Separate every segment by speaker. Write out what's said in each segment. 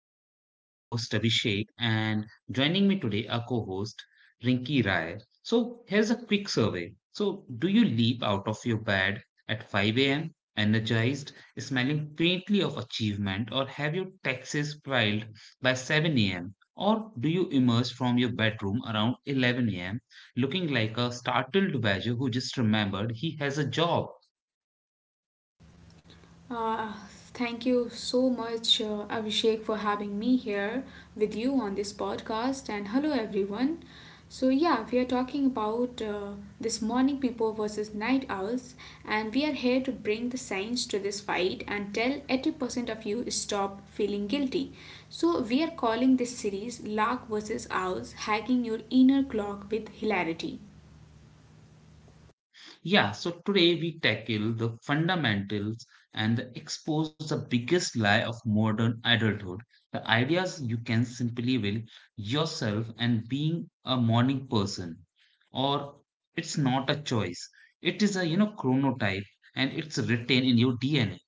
Speaker 1: I am your host Abhishek, and joining me today are co host Rinki Rai. So, here's a quick survey. Do you leap out of your bed at 5 a.m., energized, smelling faintly of achievement, or have your taxes filed by 7 a.m., or do you emerge from your bedroom around 11 a.m., looking like a startled badger who just remembered he has a job?
Speaker 2: Uh, Thank you so much, Abhishek, for having me here with you on this podcast. And hello, everyone. So, yeah, we are talking about this morning people versus night owls, and we are here to bring the science to this fight and tell 80% of you stop feeling guilty. So, we are calling this series Lark versus Owls Hacking Your Inner Clock with Hilarity.
Speaker 1: Yeah, so today we tackle the fundamentals and the expose the biggest lie of modern adulthood. The ideas you can simply will yourself and being a morning person, or it's not a choice. It is a chronotype and it's written in your DNA.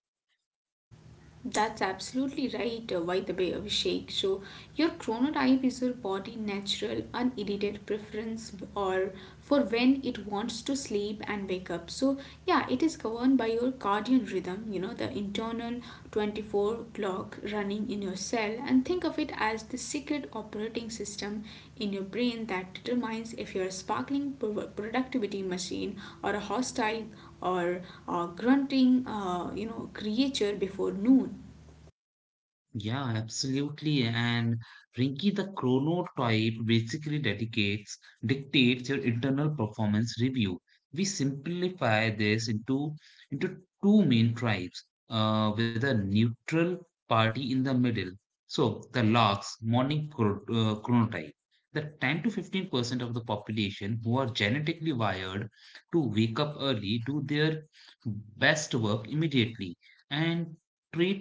Speaker 2: That's absolutely right, by the way, Abhishek. So, your chronotype is your body' natural, unedited preference or for when it wants to sleep and wake up. So, yeah, it is governed by your cardian rhythm, you know, the internal 24-hour clock running in your cell. And think of it as the secret operating system in your brain that determines if you're a sparkling productivity machine, or a hostile, or grunting, you know, creature before noon.
Speaker 1: Yeah, absolutely. And Rinki, the chronotype basically dictates your internal performance review. We simplify this into two main tribes, with a neutral party in the middle. So the larks, morning chronotype, the 10 to 15% of the population who are genetically wired to wake up early, do their best work immediately, and treat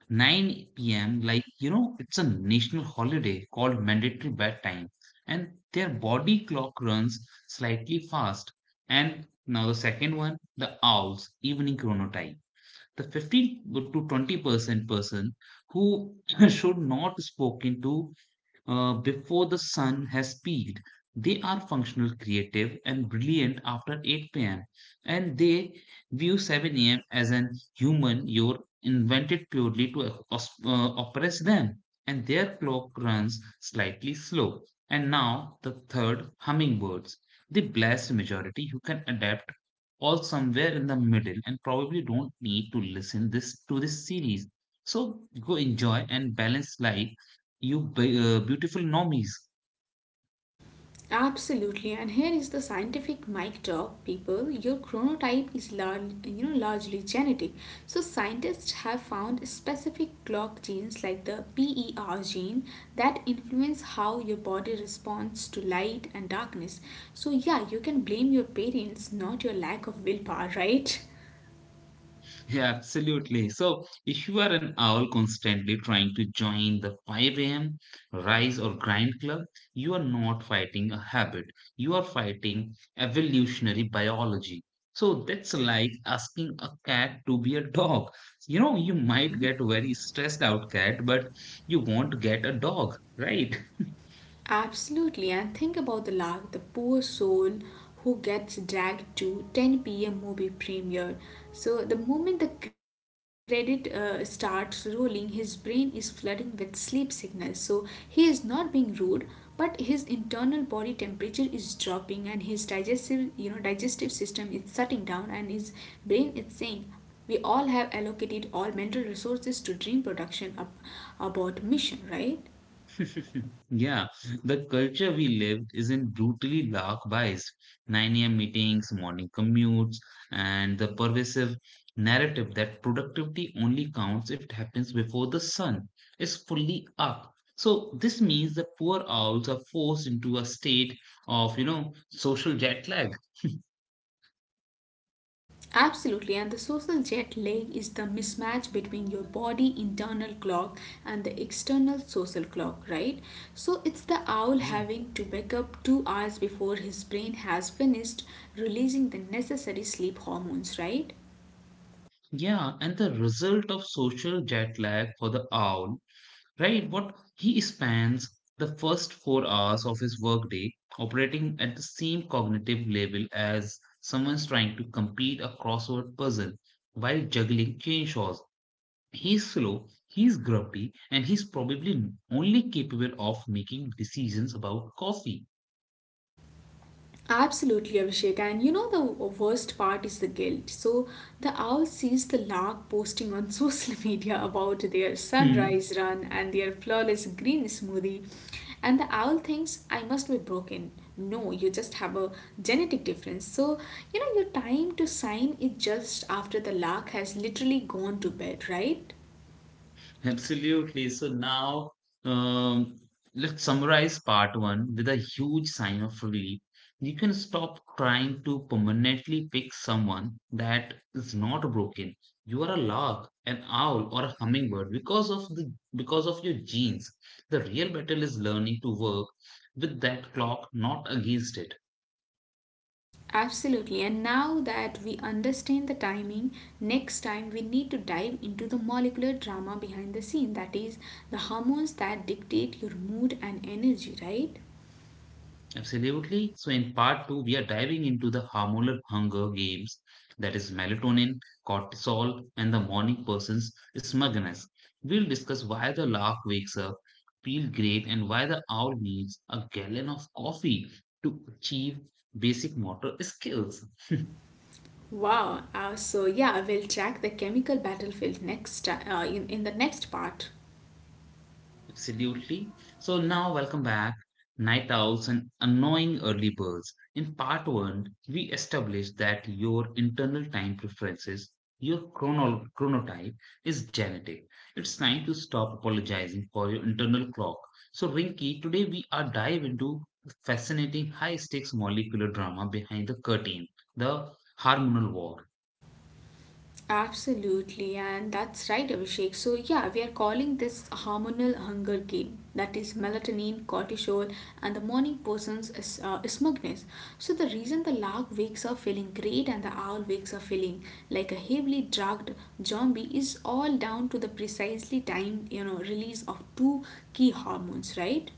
Speaker 1: 9 p.m. like it's a national holiday called mandatory bedtime, and their body clock runs slightly fast. And now the second one, the owls evening chronotype, the 15 to 20% person who should not spoken to before the sun has peaked. They are functional, creative, and brilliant after 8 p.m., and they view 7 a.m. as an human you're invented purely to oppress them, and their clock runs slightly slow. And now, the third, hummingbirds, the blessed majority who can adapt all somewhere in the middle and probably don't need to listen this to this series, so go enjoy and balance life, you beautiful normies.
Speaker 2: Absolutely, and here is the scientific mic drop, people. Your chronotype is large, you know, largely genetic. So scientists have found specific clock genes like the PER gene that influence how your body responds to light and darkness. So yeah, you can blame your parents, not your lack of willpower, right?
Speaker 1: Yeah, absolutely. So, if you are an owl constantly trying to join the 5 a.m. rise or grind club, you are not fighting a habit. You are fighting evolutionary biology. So, that's like asking a cat to be a dog. You know, you might get a very stressed out cat, but you won't get a dog, right?
Speaker 2: Absolutely, and think about the lark, the poor soul who gets dragged to 10 p.m. movie premiere. So, the moment the credit starts rolling, his brain is flooding with sleep signals. So, he is not being rude, but his internal body temperature is dropping and his digestive, you know, digestive system is shutting down and his brain is saying, we all have allocated all mental resources to dream production about mission, right?
Speaker 1: Yeah, the culture we lived isn't brutally dark biased. 9 a.m. meetings, morning commutes, and the pervasive narrative that productivity only counts if it happens before the sun is fully up. So this means the poor owls are forced into a state of, you know, social jet lag.
Speaker 2: Absolutely, and the social jet lag is the mismatch between your body internal clock and the external social clock, right? So it's the owl
Speaker 1: Yeah.
Speaker 2: having to wake up 2 hours before his brain has finished releasing the necessary sleep hormones, right?
Speaker 1: Yeah, and the result of social jet lag for the owl, right? What he spends the first 4 hours of his workday operating at the same cognitive level as someone's trying to complete a crossword puzzle while juggling chainsaws. He's slow, he's grumpy, and he's probably only capable of making decisions about coffee.
Speaker 2: Absolutely, Abhishek. And you know, the worst part is the guilt. So, the owl sees the lark posting on social media about their
Speaker 1: Hmm.
Speaker 2: sunrise run and their flawless green smoothie. And the owl thinks, I must be broken. No, you just have a genetic difference. So, you know, your time to sign is just after the lark has literally gone to bed, right?
Speaker 1: Absolutely. So now, um, let's summarize part one with a huge sign of relief. You can stop trying to permanently fix someone that is not broken. You are a lark, an owl, or a hummingbird because of the because of your genes. The real battle is learning to work with that clock, not against it.
Speaker 2: Absolutely. And now that we understand the timing, next time we need to dive into the molecular drama behind the scene, that is, the hormones that dictate your mood and energy, right?
Speaker 1: Absolutely. So, in part two, we are diving into the hormonal hunger games, that is, melatonin, cortisol, and the morning person's smugness. We'll discuss why the lark wakes up, feel great, and why the owl needs a gallon of coffee to achieve basic motor skills.
Speaker 2: Wow. So, yeah, we'll track the chemical battlefield in the next part.
Speaker 1: Absolutely. So now, welcome back, night owls and annoying early birds. In part one, we established that your internal time preferences, your chronotype, is genetic. It's time to stop apologizing for your internal clock. So, Rinky, today we are dive into the fascinating high stakes molecular drama behind the curtain, the hormonal war.
Speaker 2: Absolutely, and that's right, Abhishek. So, yeah, we are calling this hormonal hunger game, that is melatonin, cortisol, and the morning person's is, smugness. So, the reason the lark wakes up feeling great and the owl wakes up feeling like a heavily drugged zombie is all down to the precisely timed, you know, release of two key hormones, right?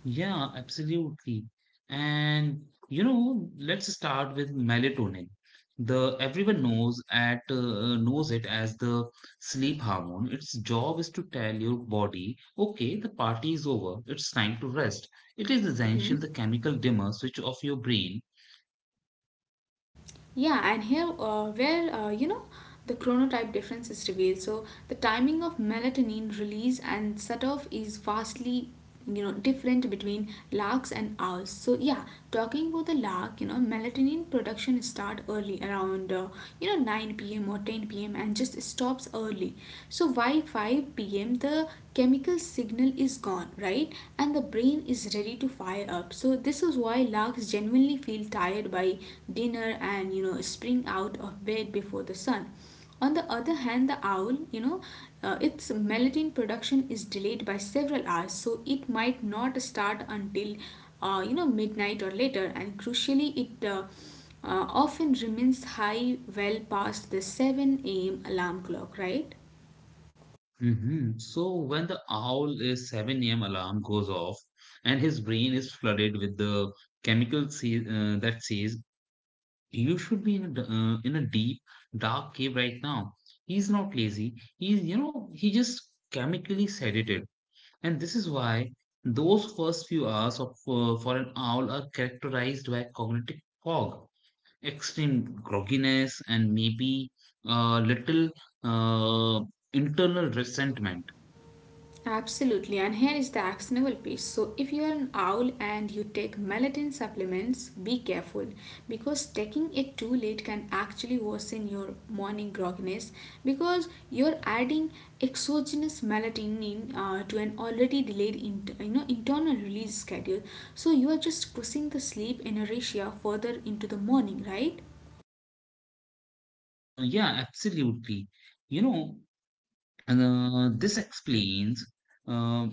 Speaker 1: Yeah, absolutely. And you know, let's start with melatonin. The everyone knows at knows it as the sleep hormone. Its job is to tell your body, okay, the party is over. It's time to rest. It is essential
Speaker 2: Mm-hmm.
Speaker 1: the chemical dimmer switch of your brain.
Speaker 2: Yeah, and here where you know the chronotype difference is revealed. So the timing of melatonin release and setoff is vastly, you know, different between larks and owls. So yeah, talking about the lark, you know melatonin production start early around you know 9 p.m. or 10 p.m. and just stops early. So by 5 p.m. the chemical signal is gone, right? And the brain is ready to fire up. So this is why larks genuinely feel tired by dinner and you know spring out of bed before the sun. On the other hand, the owl, you know, its melatonin production is delayed by several hours, so it might not start until you know midnight or later, and crucially it often remains high well past the 7 a.m alarm clock, right?
Speaker 1: Mhm. So when the owl is 7 a.m. alarm goes off and his brain is flooded with the chemical that says, "You should be in a deep dark cave right now." He's not lazy. He's he just chemically sedated, and this is why those first few hours of for an owl are characterized by cognitive fog, extreme grogginess, and maybe a little uh, internal resentment.
Speaker 2: Absolutely, and here is the actionable piece. So, if you are an owl and you take melatonin supplements, be careful because taking it too late can actually worsen your morning grogginess because you're adding exogenous melatonin to an already delayed you know internal release schedule. So, you are just pushing the sleep inertia further into the morning, right?
Speaker 1: Yeah, absolutely. You know. And uh,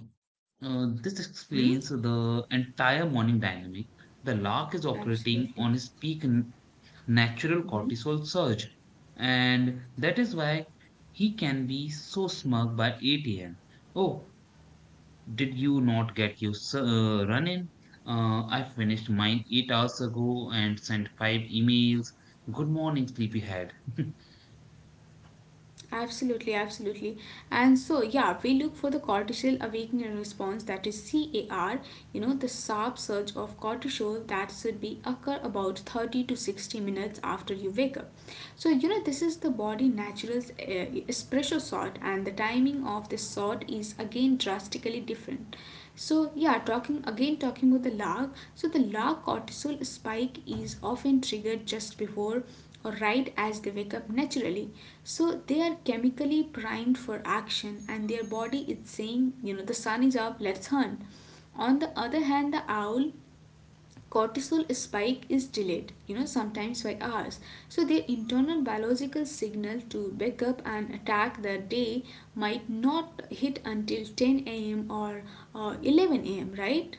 Speaker 1: this
Speaker 2: Mm-hmm.
Speaker 1: explains the entire morning dynamic. The lark is operating
Speaker 2: Absolutely.
Speaker 1: on his peak natural
Speaker 2: Mhm.
Speaker 1: cortisol surge, and that is why he can be so smug by 8 a.m. Oh, did you not get your run in? I finished mine 8 hours ago and sent 5 emails. Good morning, sleepyhead.
Speaker 2: Absolutely, absolutely. And so, yeah, we look for the cortisol awakening response, that is CAR, you know, the sharp surge of cortisol that should be occur about 30 to 60 minutes after you wake up. So, you know, this is the body natural espresso shot, and the timing of this shot is again drastically different. So, yeah, talking about the lag. So, the lag cortisol spike is often triggered just before or right as they wake up naturally. So they are chemically primed for action and their body is saying, you know, the sun is up, let's hunt. On the other hand, the owl cortisol spike is delayed, you know, sometimes by hours. So their internal biological signal to wake up and attack the day might not hit until 10 a.m. or 11 a.m., right?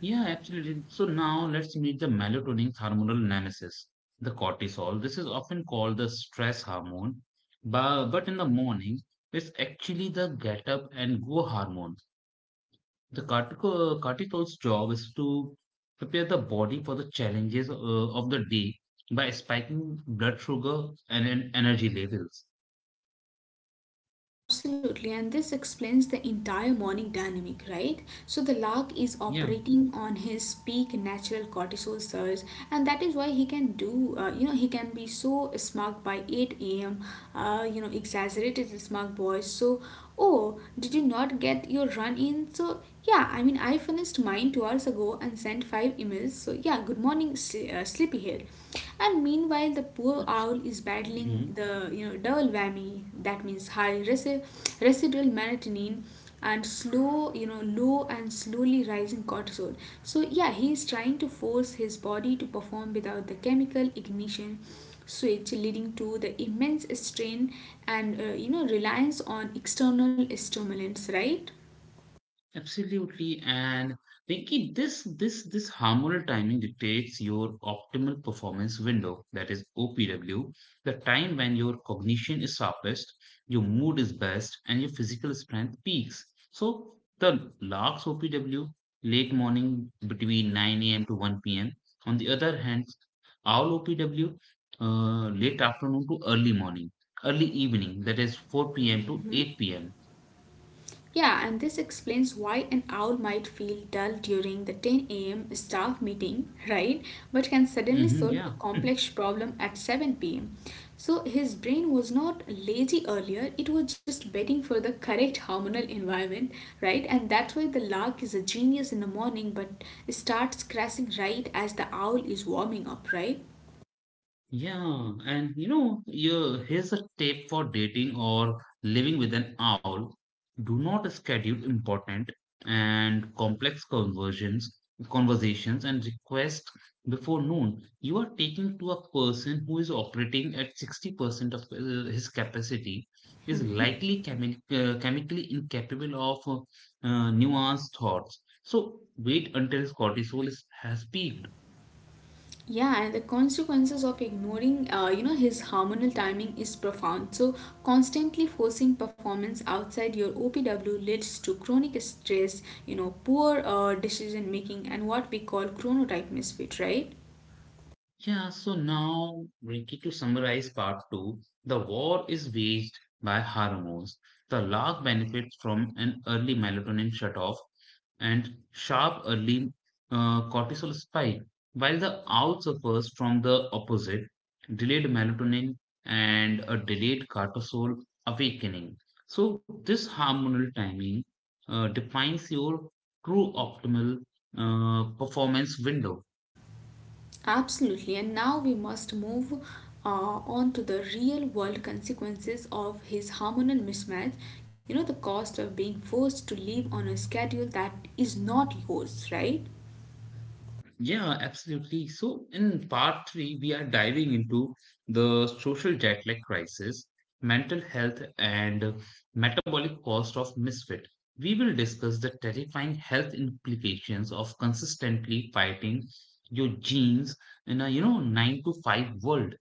Speaker 1: Yeah, absolutely. So now let's meet the melatonin's hormonal nemesis, the cortisol. This is often called the stress hormone, but in the morning, it's actually the get up and go hormone. The cortisol's job is to prepare the body for the challenges of the day by spiking blood sugar and energy levels.
Speaker 2: Absolutely, and this explains the entire morning dynamic, right? So the lark is
Speaker 1: Yeah.
Speaker 2: operating on his peak natural cortisol surge, and that is why he can do, you know, he can be so smug by 8 a.m., you know, exaggerated smug boys. So, oh, did you not get your run in? So, yeah, I mean, I finished mine 2 hours ago and sent five emails. So, yeah, good morning, sleepyhead. And meanwhile, the poor owl is battling
Speaker 1: Mm-hmm.
Speaker 2: the you know double whammy. That means high residual melatonin and slow you know low and slowly rising cortisol. So yeah, he is trying to force his body to perform without the chemical ignition switch, leading to the immense strain and you know reliance on external stimulants, right?
Speaker 1: Absolutely, and Rinki, this hormonal timing dictates your optimal performance window, that is OPW, the time when your cognition is sharpest, your mood is best, and your physical strength peaks. So the LARC's OPW, late morning between 9 a.m. to 1 p.m. On the other hand, our OPW, late afternoon to early morning, early evening, that is 4 p.m. to
Speaker 2: Mhm.
Speaker 1: 8 p.m.
Speaker 2: Yeah, and this explains why an owl might feel dull during the 10 a.m. staff meeting, right? But can suddenly
Speaker 1: Hmm.
Speaker 2: solve a
Speaker 1: Yeah.
Speaker 2: complex problem at 7 p.m. So his brain was not lazy earlier, it was just waiting for the correct hormonal environment, right? And that's why the lark is a genius in the morning but starts crashing right as the owl is warming up, right?
Speaker 1: Yeah, and you know, here's a tip for dating or living with an owl. Do not schedule important and complex conversations and requests before noon. You are taking to a person who is operating at 60% of his capacity, is
Speaker 2: Mm-hmm.
Speaker 1: likely chemically incapable of nuanced thoughts. So wait until his has peaked.
Speaker 2: Yeah, and the consequences of ignoring you know his hormonal timing is profound. So constantly forcing performance outside your opw leads to chronic stress, you know, poor decision making, and what we call chronotype misfit, right?
Speaker 1: Yeah, so now, Ricky, to summarize part two, the war is waged by hormones. The lark benefits from an early melatonin shutoff and sharp early cortisol spike, while the owl suffers from the opposite, delayed melatonin and a delayed cortisol awakening. So, this hormonal timing defines your true optimal performance window.
Speaker 2: Absolutely, and now we must move on to the real world consequences of his hormonal mismatch, you know the cost of being forced to live on a schedule that is not yours, right?
Speaker 1: Yeah, absolutely. So, in part three, we are diving into the social jet lag crisis, mental health, and metabolic cost of misfit. We will discuss the terrifying health implications of consistently fighting your genes in a nine to five world.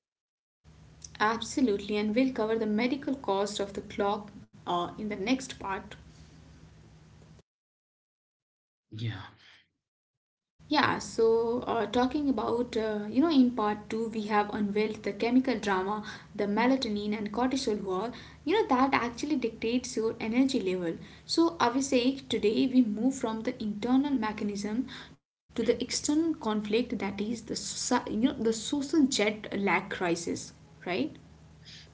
Speaker 2: Absolutely, and we'll cover the medical cost of the clock in the next part.
Speaker 1: Yeah.
Speaker 2: Yeah, so you know, in part two, we have unveiled the chemical drama, the melatonin and cortisol war, you know, that actually dictates your energy level. So, Abhishek, today we move from the internal mechanism to the external conflict, that is the, you know, the social jet lag crisis, right?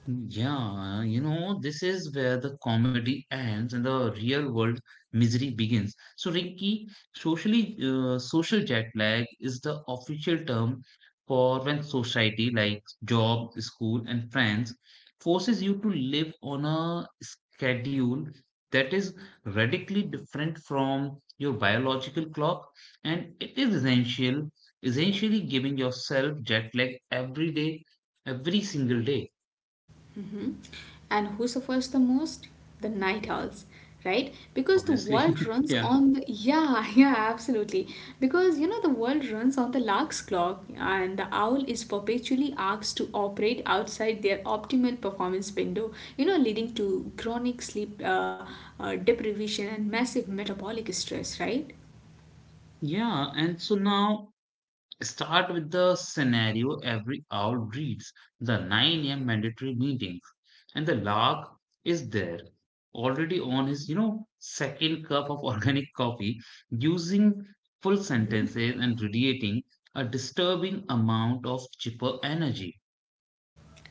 Speaker 1: Yeah, you know, this is where the comedy ends and the real world misery begins. So, Rinky, social jet lag is the official term for when society, like job, school, and friends, forces you to live on a schedule that is radically different from your biological clock, and it is essentially giving yourself jet lag every day, every single day.
Speaker 2: Mhm. And who suffers the most? The night owls, right? Because the world
Speaker 1: Obviously.
Speaker 2: runs
Speaker 1: Yeah.
Speaker 2: on the yeah, yeah, absolutely. Because you know the world runs on the lark's clock, and the owl is perpetually asked to operate outside their optimal performance window. You know, leading to chronic sleep deprivation and massive metabolic stress, right?
Speaker 1: Yeah. And so now start with the scenario every owl reads the 9 a.m. mandatory meetings. And the lark is there already on his, you know, second cup of organic coffee, using full sentences and radiating a disturbing amount of chipper energy.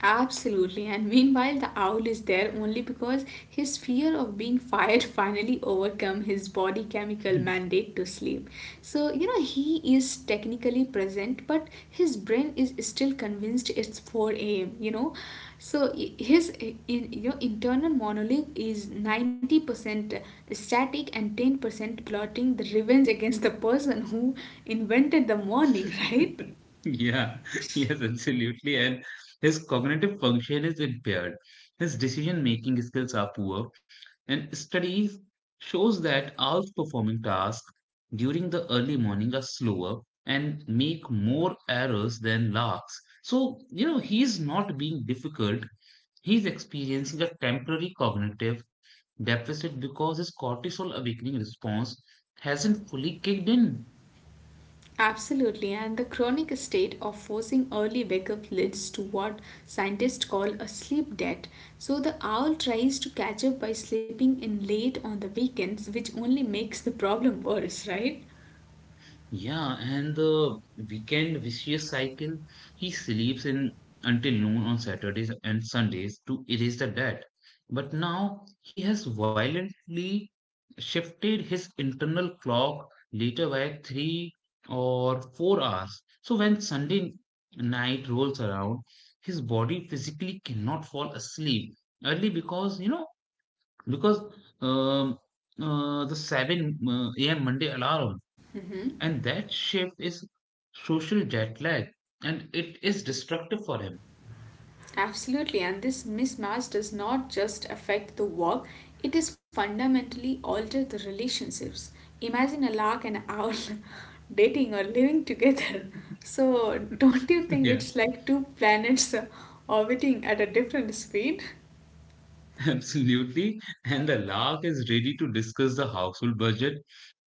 Speaker 2: Absolutely, and meanwhile, the owl is there only because his fear of being fired finally overcome his body chemical mandate to sleep. So, you know, he is technically present, but his brain is still convinced it's 4 a.m., you know. So, you know, internal monologue is 90% static and 10% plotting the revenge against the person who invented the morning, right?
Speaker 1: Yeah, yes, absolutely. And his cognitive function is impaired. His decision-making skills are poor, and studies shows that outperforming tasks during the early morning are slower and make more errors than larks. So, you know, he's not being difficult. He's experiencing a temporary cognitive deficit because his cortisol awakening response hasn't fully kicked in.
Speaker 2: Absolutely, and the chronic state of forcing early wake up leads to what scientists call a sleep debt. So, the owl tries to catch up by sleeping in late on the weekends, which only makes the problem worse, right?
Speaker 1: Yeah, and the weekend vicious cycle, he sleeps in until noon on Saturdays and Sundays to erase the debt. But now he has violently shifted his internal clock later by 3 or 4 hours. So when Sunday night rolls around, his body physically cannot fall asleep early because, you know, because um, the 7 a.m. Monday alarm.
Speaker 2: Mhm.
Speaker 1: And that shift is social jet lag and it is destructive for him.
Speaker 2: Absolutely, and this mismatch does not just affect the work, it is fundamentally alter the relationships. Imagine a lark and an owl dating or living together. So, don't you think
Speaker 1: Yeah,
Speaker 2: it's like two planets orbiting at a different speed?
Speaker 1: absolutely. And the lark is ready to discuss the household budget,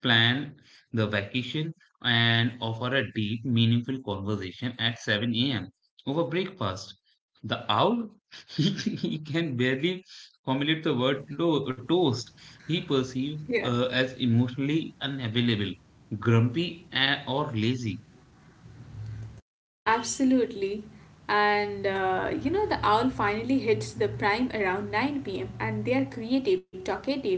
Speaker 1: plan the vacation, and offer a deep, meaningful conversation at 7 a.m. over breakfast. The owl, he can barely formulate the word toast. He perceived
Speaker 2: Yeah.
Speaker 1: as emotionally unavailable, grumpy, and, or lazy.
Speaker 2: Absolutely. And you know, the owl finally hits the prime around 9 p.m., and they are creative, talkative,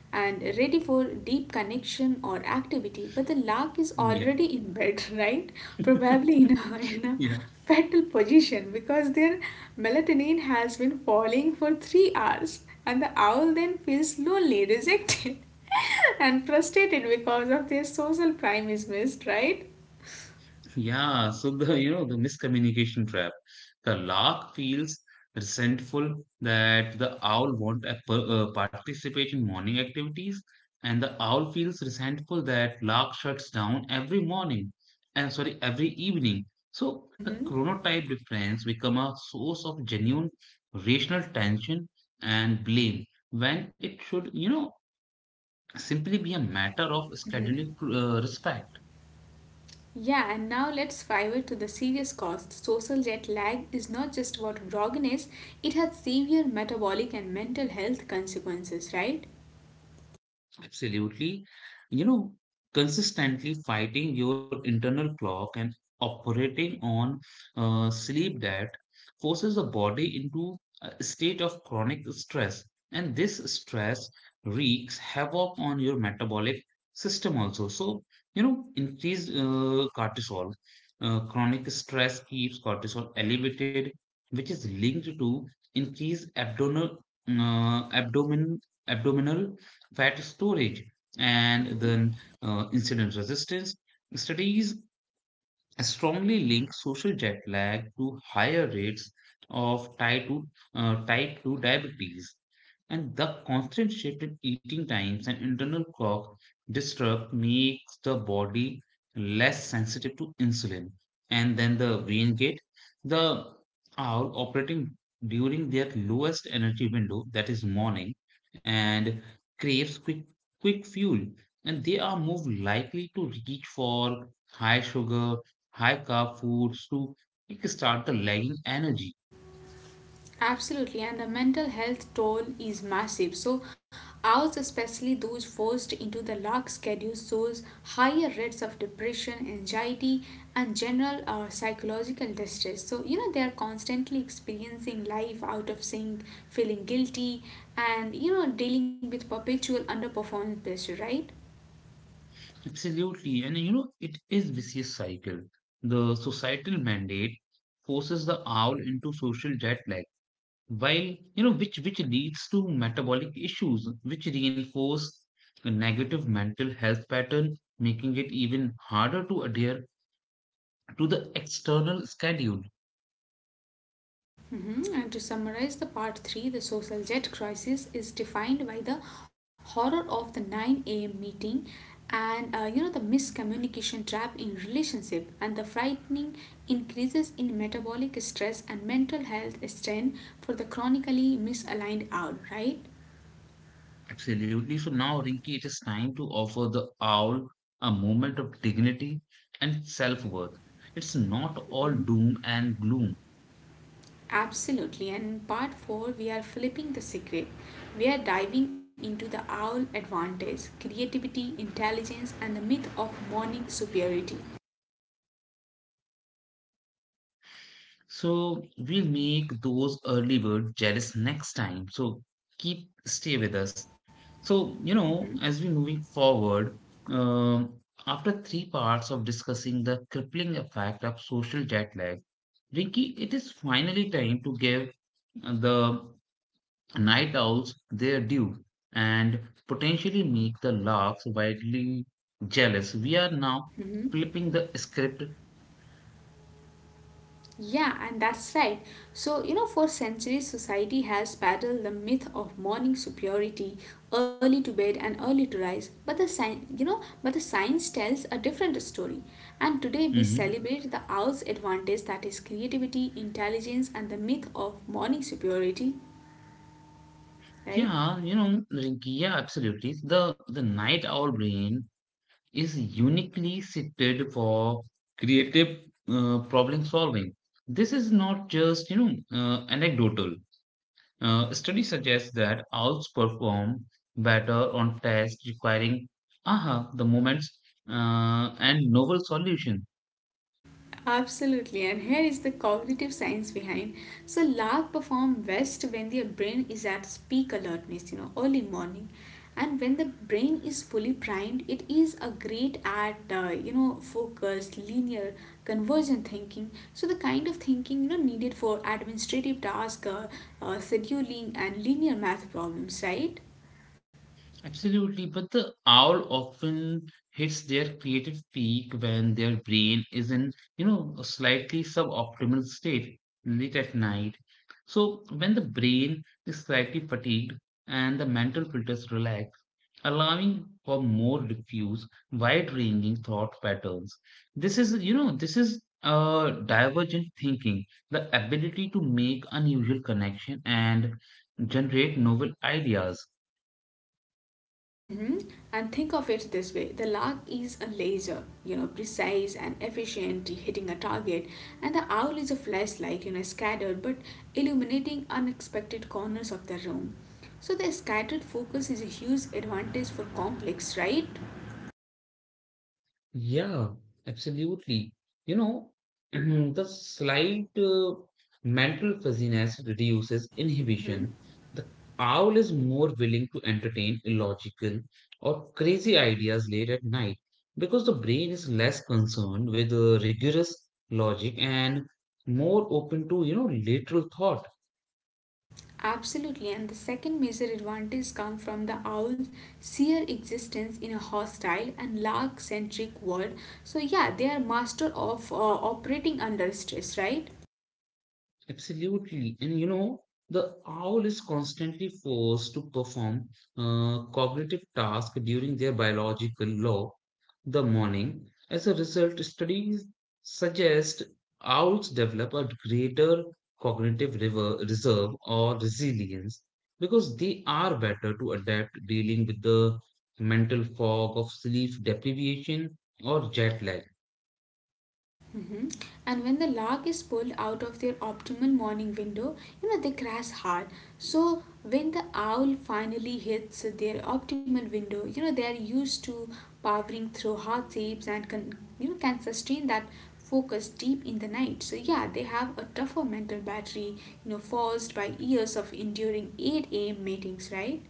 Speaker 2: and ready for deep connection or activity. But the lark is
Speaker 1: Yeah.
Speaker 2: already in bed, right? Probably in a
Speaker 1: Yeah.
Speaker 2: fetal position because their melatonin has been falling for 3 hours, and the owl then feels lonely, rejected, and frustrated because of their social prime is missed, right?
Speaker 1: Yeah. So the, you know, the miscommunication trap. The lark feels resentful that the owl won't participate in morning activities, and the owl feels resentful that lark shuts down every morning. And sorry, every evening. So the chronotype difference become a source of genuine rational tension and blame when it should, you know, simply be a matter of scheduling respect.
Speaker 2: Yeah, and now let's pivot to the serious cost. Social jet lag is not just what grogginess, it has severe metabolic and mental health consequences, right?
Speaker 1: Absolutely. You know, consistently fighting your internal clock and operating on sleep debt forces the body into a state of chronic stress. And this stress wreaks havoc on your metabolic system also. So, you know, increased cortisol. Chronic stress keeps cortisol elevated, which is linked to increased uh, abdomen abdominal fat storage, and then insulin resistance. Studies strongly link social jet lag to higher rates of type 2 diabetes. And the constant shift in eating times and internal clock disrupt makes the body less sensitive to insulin. And then the vein gate, the hour operating during their lowest energy window, that is morning, and craves quick fuel. And they are more likely to reach for high sugar high carb foods to kickstart the lagging energy.
Speaker 2: Absolutely, and the mental health toll is massive. So, ours, especially those forced into the lax schedule, shows higher rates of depression, anxiety, and general psychological distress. They are constantly experiencing life out of sync, feeling guilty, and dealing with perpetual underperformance pressure, right?
Speaker 1: Absolutely. And you know, it is vicious cycle. The societal mandate forces the owl into social jet lag, while you know, which leads to metabolic issues, which reinforce the negative mental health pattern, making it even harder to adhere to the external schedule.
Speaker 2: Mhm. And to summarize the part 3, the social jet crisis is defined by the horror of the 9 a.m. meeting and the miscommunication trap in relationship and the frightening increases in metabolic stress and mental health strain for the chronically misaligned hour, right?
Speaker 1: Absolutely. So now, Rinki, it is time to offer the owl a moment of dignity and self worth. It's not all doom and gloom.
Speaker 2: Absolutely. And in part 4, we are flipping the secret. We are diving into the owl advantage: creativity, intelligence, and the myth of morning superiority.
Speaker 1: So we'll make those early birds jealous next time. So keep stay with us. So, you know, as we're moving forward, um, after three parts of discussing the crippling effect of social jet lag, Rinki, it is finally time to give the night owls their due and potentially make the larks widely jealous. We are now
Speaker 2: Mm-hmm.
Speaker 1: flipping the script.
Speaker 2: Yeah, and that's right. For centuries, society has battled the myth of morning superiority, early to bed and early to rise. But the science tells a different story. And today we
Speaker 1: Mhm.
Speaker 2: celebrate the owl's advantage, that is creativity, intelligence, and the myth of morning superiority, right?
Speaker 1: Yeah, you know, Rinki, yeah, absolutely. The night owl brain is uniquely suited for creative problem solving. This is not just you know anecdotal. Studies suggest that owls perform better on tests requiring aha, the moments and novel solutions.
Speaker 2: Absolutely, and here is the cognitive science behind. So, lark perform best when their brain is at peak alertness, you know, early morning, and when the brain is fully primed, it is a great at focused, linear, convergent thinking. So, the kind of thinking you know needed for administrative task, scheduling, and linear math problems, right?
Speaker 1: Absolutely, but the owl often hits their creative peak when their brain is in, you know, a slightly suboptimal state late at night. So, when the brain is slightly fatigued and the mental filters relax, allowing for more diffuse, wide-ranging thought patterns. This is, you know, this is divergent thinking, the ability to make unusual connection and generate novel ideas.
Speaker 2: Hmm. And think of it this way: the lark is a laser, you know, precise and efficient, hitting a target, and the owl is a flashlight, you know, scattered but illuminating unexpected corners of the room. So the scattered focus is a huge advantage for complex, right?
Speaker 1: Yeah, absolutely. You know, the slight mental fuzziness reduces
Speaker 2: Hmm.
Speaker 1: inhibition. The owl is more willing to entertain illogical or crazy ideas late at night because the brain is less concerned with rigorous logic and more open to, you know, lateral thought.
Speaker 2: Absolutely, and the second major advantage comes from the owl's sheer existence in a hostile and lark-centric world. So yeah, they are master of operating under stress, right?
Speaker 1: Absolutely. And you know, the owl is constantly forced to perform cognitive tasks during their biological law, the morning. As a result, studies suggest owls develop a greater reserve or resilience because they are better to adapt dealing with the mental fog of sleep deprivation or jet lag.
Speaker 2: Hmm. And when the lark is pulled out of their optimal morning window, you know, they crash hard. So when the owl finally hits their optimal window, you know, they are used to powering through hard shapes and can, you know, can sustain that focus deep in the night. So yeah, they have a tougher mental battery, you know, forced by years of enduring 8 a.m. meetings, right?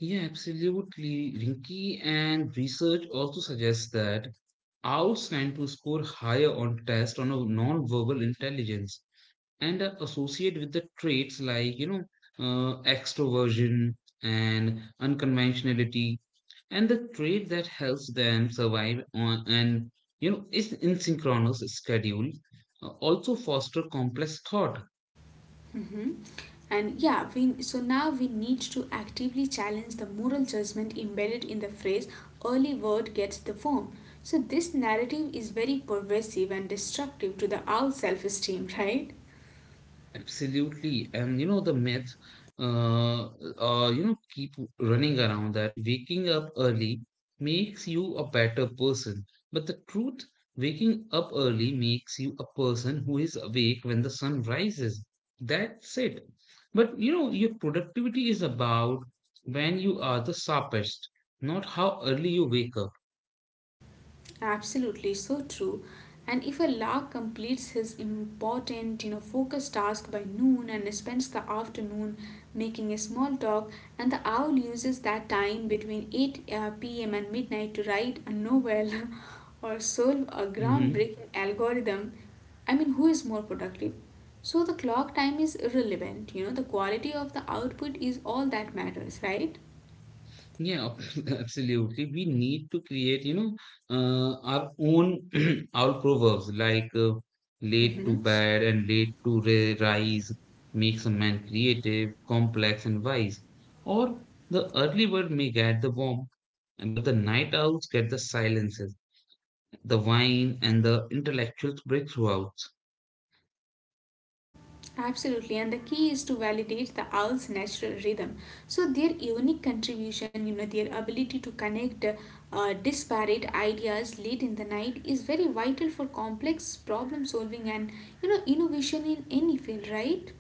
Speaker 1: Yeah, absolutely, Rinky. And research also suggests that owls tend to score higher on tests on a non-verbal intelligence and are associated with the traits like, you know, extroversion and unconventionality, and the trait that helps them survive on and you know is in synchronous schedule also foster complex thought.
Speaker 2: Mm-hmm. And yeah, we, so now we need to actively challenge the moral judgment embedded in the phrase early word gets the worm. So this narrative is very pervasive and destructive to the owl self-esteem, right?
Speaker 1: Absolutely. And you know, the myth, you know, keep running around that waking up early makes you a better person. But the truth, waking up early makes you a person who is awake when the sun rises. That's it. But you know, your productivity is about when you are the sharpest, not how early you wake up.
Speaker 2: Absolutely, so true. And if a lark completes his important, you know, focused task by noon and spends the afternoon making a small talk, and the owl uses that time between 8 p.m. and midnight to write a novel or solve a
Speaker 1: Hmm.
Speaker 2: groundbreaking algorithm, I mean, who is more productive? So the clock time is irrelevant, you know, the quality of the output is all that matters, right?
Speaker 1: Yeah, absolutely. We need to create, you know, our own our proverbs like late to bed and late to rise makes a man creative, complex, and wise. Or the early bird may get the warmth, but the night owls get the silences, the wine, and the intellectual breakthroughs.
Speaker 2: Absolutely, and the key is to validate the owl's natural rhythm. So, their unique contribution, you know, their ability to connect disparate ideas late in the night is very vital for complex problem solving and, you know, innovation in any field, right?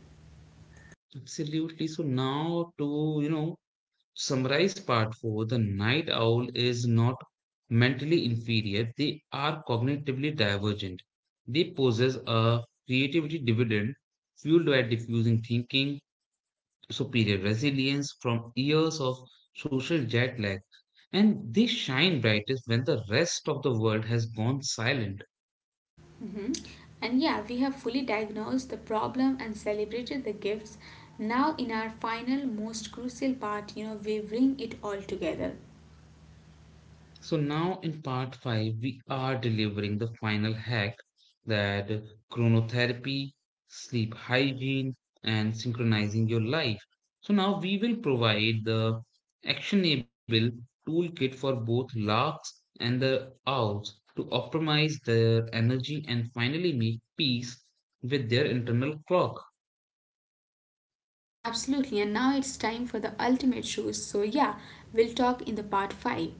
Speaker 1: Absolutely. So now to, you know, summarize part 4. The night owl is not mentally inferior, they are cognitively divergent. They possess a creativity dividend fueled by diffusing thinking, superior resilience from years of social jet lag, and they shine brightest when the rest of the world has gone silent.
Speaker 2: Hmm. And yeah, we have fully diagnosed the problem and celebrated the gifts. Now, in our final, most crucial part, you know, we bring it all together.
Speaker 1: So now in part 5, we are delivering the final hack that chronotherapy, sleep hygiene, and synchronizing your life. So now we will provide the actionable toolkit for both larks and the owls to optimize their energy and finally make peace with their internal clock.
Speaker 2: Absolutely, and now it's time for the ultimate shoes. So, yeah, we'll talk in the part 5.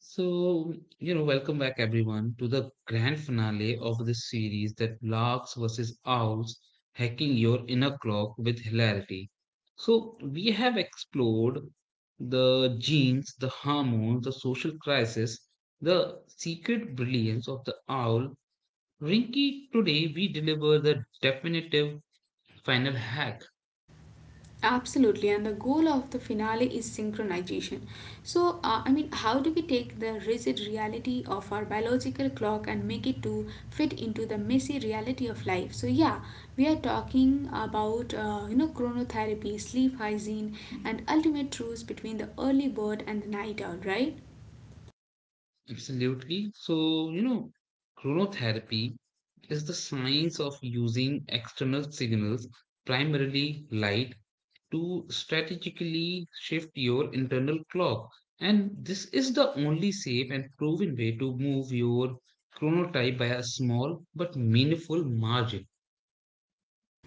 Speaker 1: So, you know, welcome back everyone to the grand finale of this series that larks versus owls hacking your inner clock with hilarity. So, we have explored the genes, the hormones, the social crisis, the secret brilliance of the owl. Rinky, today we deliver the definitive final hack.
Speaker 2: Absolutely, and the goal of the finale is synchronization. So, I mean, how do we take the rigid reality of our biological clock and make it to fit into the messy reality of life? So, yeah, we are talking about you know chronotherapy, sleep hygiene, and ultimate truce between the early bird and the night owl, right?
Speaker 1: Absolutely. So, you know, chronotherapy is the science of using external signals, primarily light, to strategically shift your internal clock. And this is the only safe and proven way to move your chronotype by a small but meaningful margin.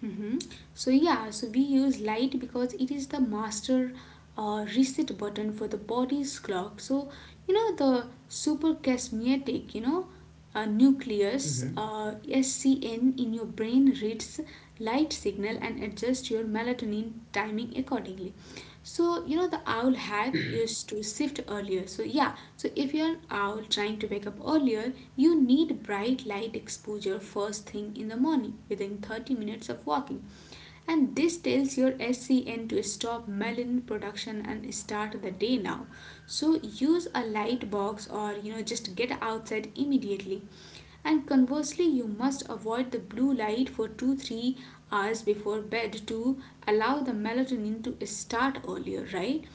Speaker 2: Hmm. So yeah, so we use light because it is the master reset button for the body's clock. So you know the supercasmiatic, you know, nucleus
Speaker 1: Mhm.
Speaker 2: SCN in your brain reads light signal and adjusts your melatonin timing accordingly. So, you know, the owl hack is to shift earlier. So, yeah, so if you're an owl trying to wake up earlier, you need bright light exposure first thing in the morning within 30 minutes of walking. And this tells your SCN to stop melanin production and start the day now. So, use a light box or, you know, just get outside immediately, and conversely you must avoid the blue light for 2 to 3 hours before bed to allow the melatonin to start earlier, right?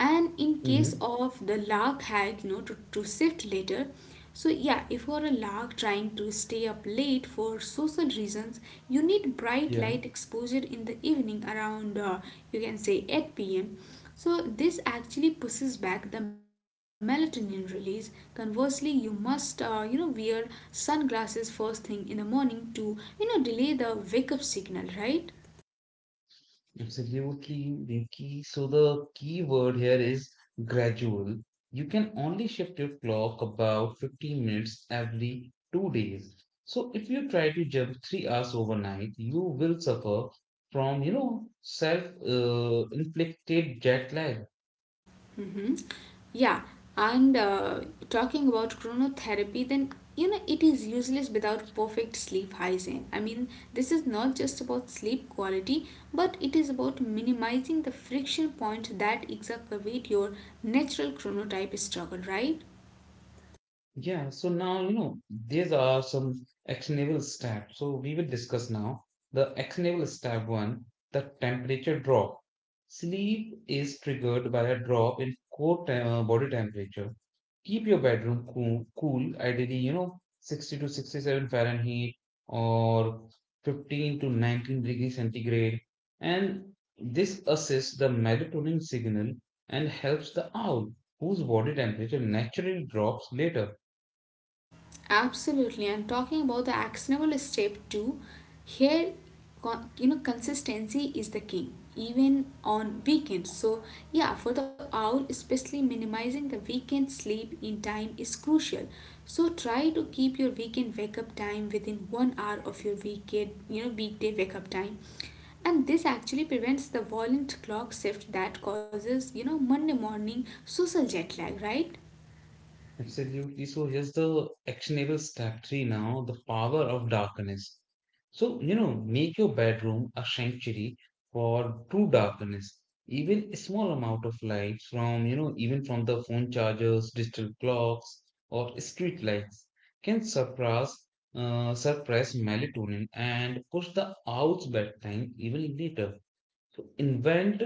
Speaker 2: And in case
Speaker 1: Mhm.
Speaker 2: of the lark had you know to shift later, so yeah, if you're a lark trying to stay up late for social reasons, you need bright
Speaker 1: Yeah.
Speaker 2: light exposure in the evening around you can say 8 p.m., so this actually pushes back the melatonin release. Conversely you must you know wear sunglasses first thing in the morning to you know delay the wake up signal, right?
Speaker 1: Absolutely, Devki. So the key word here is gradual. You can only shift your clock about 15 minutes every 2 days. So if you try to jump 3 hours overnight, you will suffer from, you know, self-inflicted jet lag.
Speaker 2: Mm-hmm. Yeah, and talking about chronotherapy, then you know it is useless without perfect sleep hygiene. I mean, this is not just about sleep quality, but it is about minimizing the friction point that exacerbate your natural chronotype struggle, right?
Speaker 1: Yeah, so now, you know, these are some actionable steps. So we will discuss now the actionable step one, the temperature drop. Sleep is triggered by a drop in body temperature. Keep your bedroom cool, ideally, you know, 60 to 67 Fahrenheit or 15 to 19 degrees centigrade. And this assists the melatonin signal and helps the owl, whose body temperature naturally drops later.
Speaker 2: Absolutely, and talking about the actionable step two, here you know consistency is the king, even on weekends. So yeah, for the owl, especially minimizing the weekend sleep in time is crucial. So try to keep your weekend wake up time within 1 hour of your weekend, you know, weekday wake up time. And this actually prevents the violent clock shift that causes, you know, Monday morning social jet lag, right?
Speaker 1: Absolutely. So here's the actionable step three now, the power of darkness. So, you know, make your bedroom a sanctuary for true darkness. Even a small amount of light from, you know, even from the phone chargers, digital clocks, or street lights can suppress melatonin and push the out's bedtime even later. So invent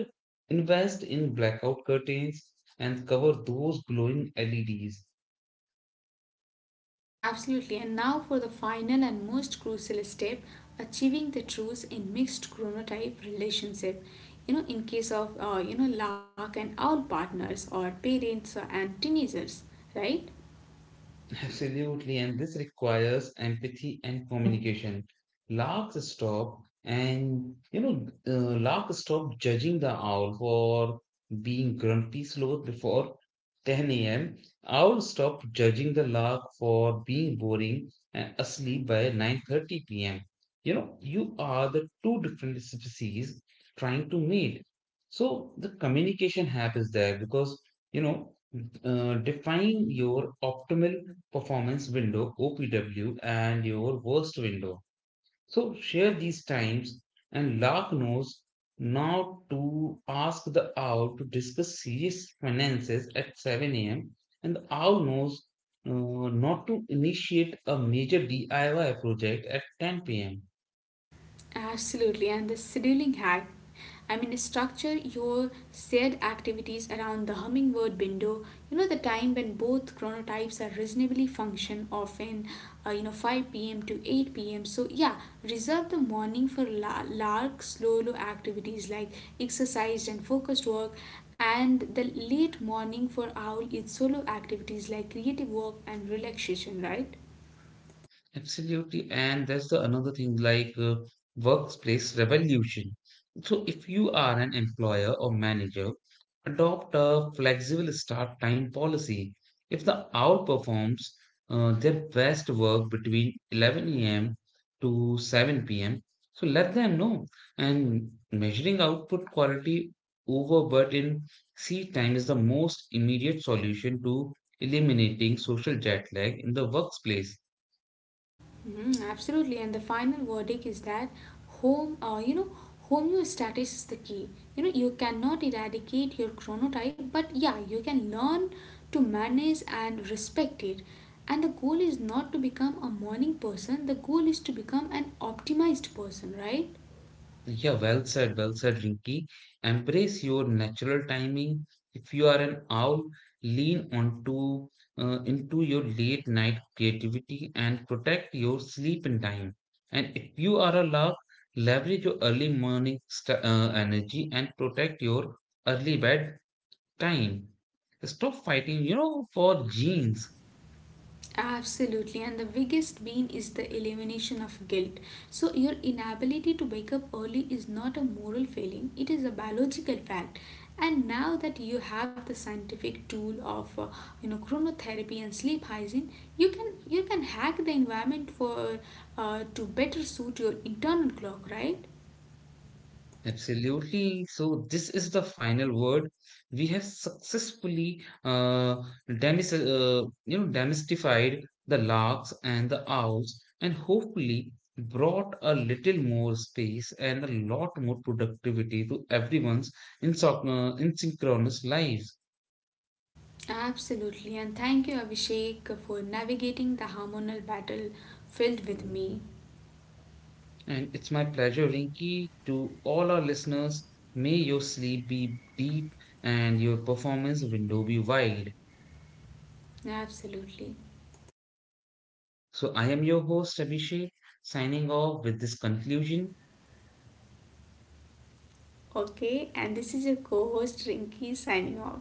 Speaker 1: invest in blackout curtains and cover those glowing LEDs.
Speaker 2: Absolutely. And now for the final and most crucial step, achieving the truth in mixed chronotype relationship. You know, in case of, luck and owl partners or parents and teenagers, right?
Speaker 1: Absolutely, and this requires empathy and communication. Larks stop and you know, Larks stop judging the owl for being grumpy sloth before 10 a.m. Owl stop judging the lark for being boring and asleep by 9:30 p.m. You know, you are the two different species trying to mate. So the communication happens there because you know define your optimal performance window, OPW, and your worst window. So share these times and Lark knows now to ask the owl to discuss serious finances at 7 a.m. and the owl knows uh, not to initiate a major DIY project at 10 p.m.
Speaker 2: Absolutely, and the scheduling hack. I mean, structure your shared activities around the hummingbird window. You know the time when both chronotypes are reasonably function, often you know 5 p.m. to 8 p.m. So yeah, reserve the morning for lark, slow low activities like exercise and focused work, and the late morning for owl is solo activities like creative work and relaxation, right?
Speaker 1: Absolutely, and that's the another thing like workplace revolution. So, if you are an employer or manager, adopt a flexible start time policy. If the hour performs their best work between 11 a.m. to 7 p.m., so let them know. And measuring output quality over but in seat time is the most immediate solution to eliminating social jet lag in the workplace.
Speaker 2: Mhm, absolutely, and the final verdict is that you know, homeostasis is the key. You know, you cannot eradicate your chronotype, but yeah, you can learn to manage and respect it. And the goal is not to become a morning person; the goal is to become an optimized person, right?
Speaker 1: Yeah, well said, Rinky. Embrace your natural timing. If you are an owl, lean onto into your late night creativity and protect your sleep in time. And if you are a lark, leverage your energy and protect your early bed time. Stop fighting, you know, for genes.
Speaker 2: Absolutely, and the biggest bean is the elimination of guilt. So, your inability to wake up early is not a moral failing, it is a biological fact. And now that you have the scientific tool of you know chronotherapy and sleep hygiene, you can hack the environment for to better suit your internal clock, right?
Speaker 1: Absolutely. So this is the final word. We have you know demystified the larks and the owls, and hopefully brought a little more space and a lot more productivity to everyone's asynchronous lives.
Speaker 2: Absolutely, and thank you, Abhishek, for navigating the hormonal battle filled with me.
Speaker 1: And it's my pleasure, Rinky, to all our listeners. May your sleep be deep and your performance window be wide.
Speaker 2: Absolutely.
Speaker 1: So I am your host Abhishek, signing off with this conclusion.
Speaker 2: Okay, and this is your co host Rinky signing off.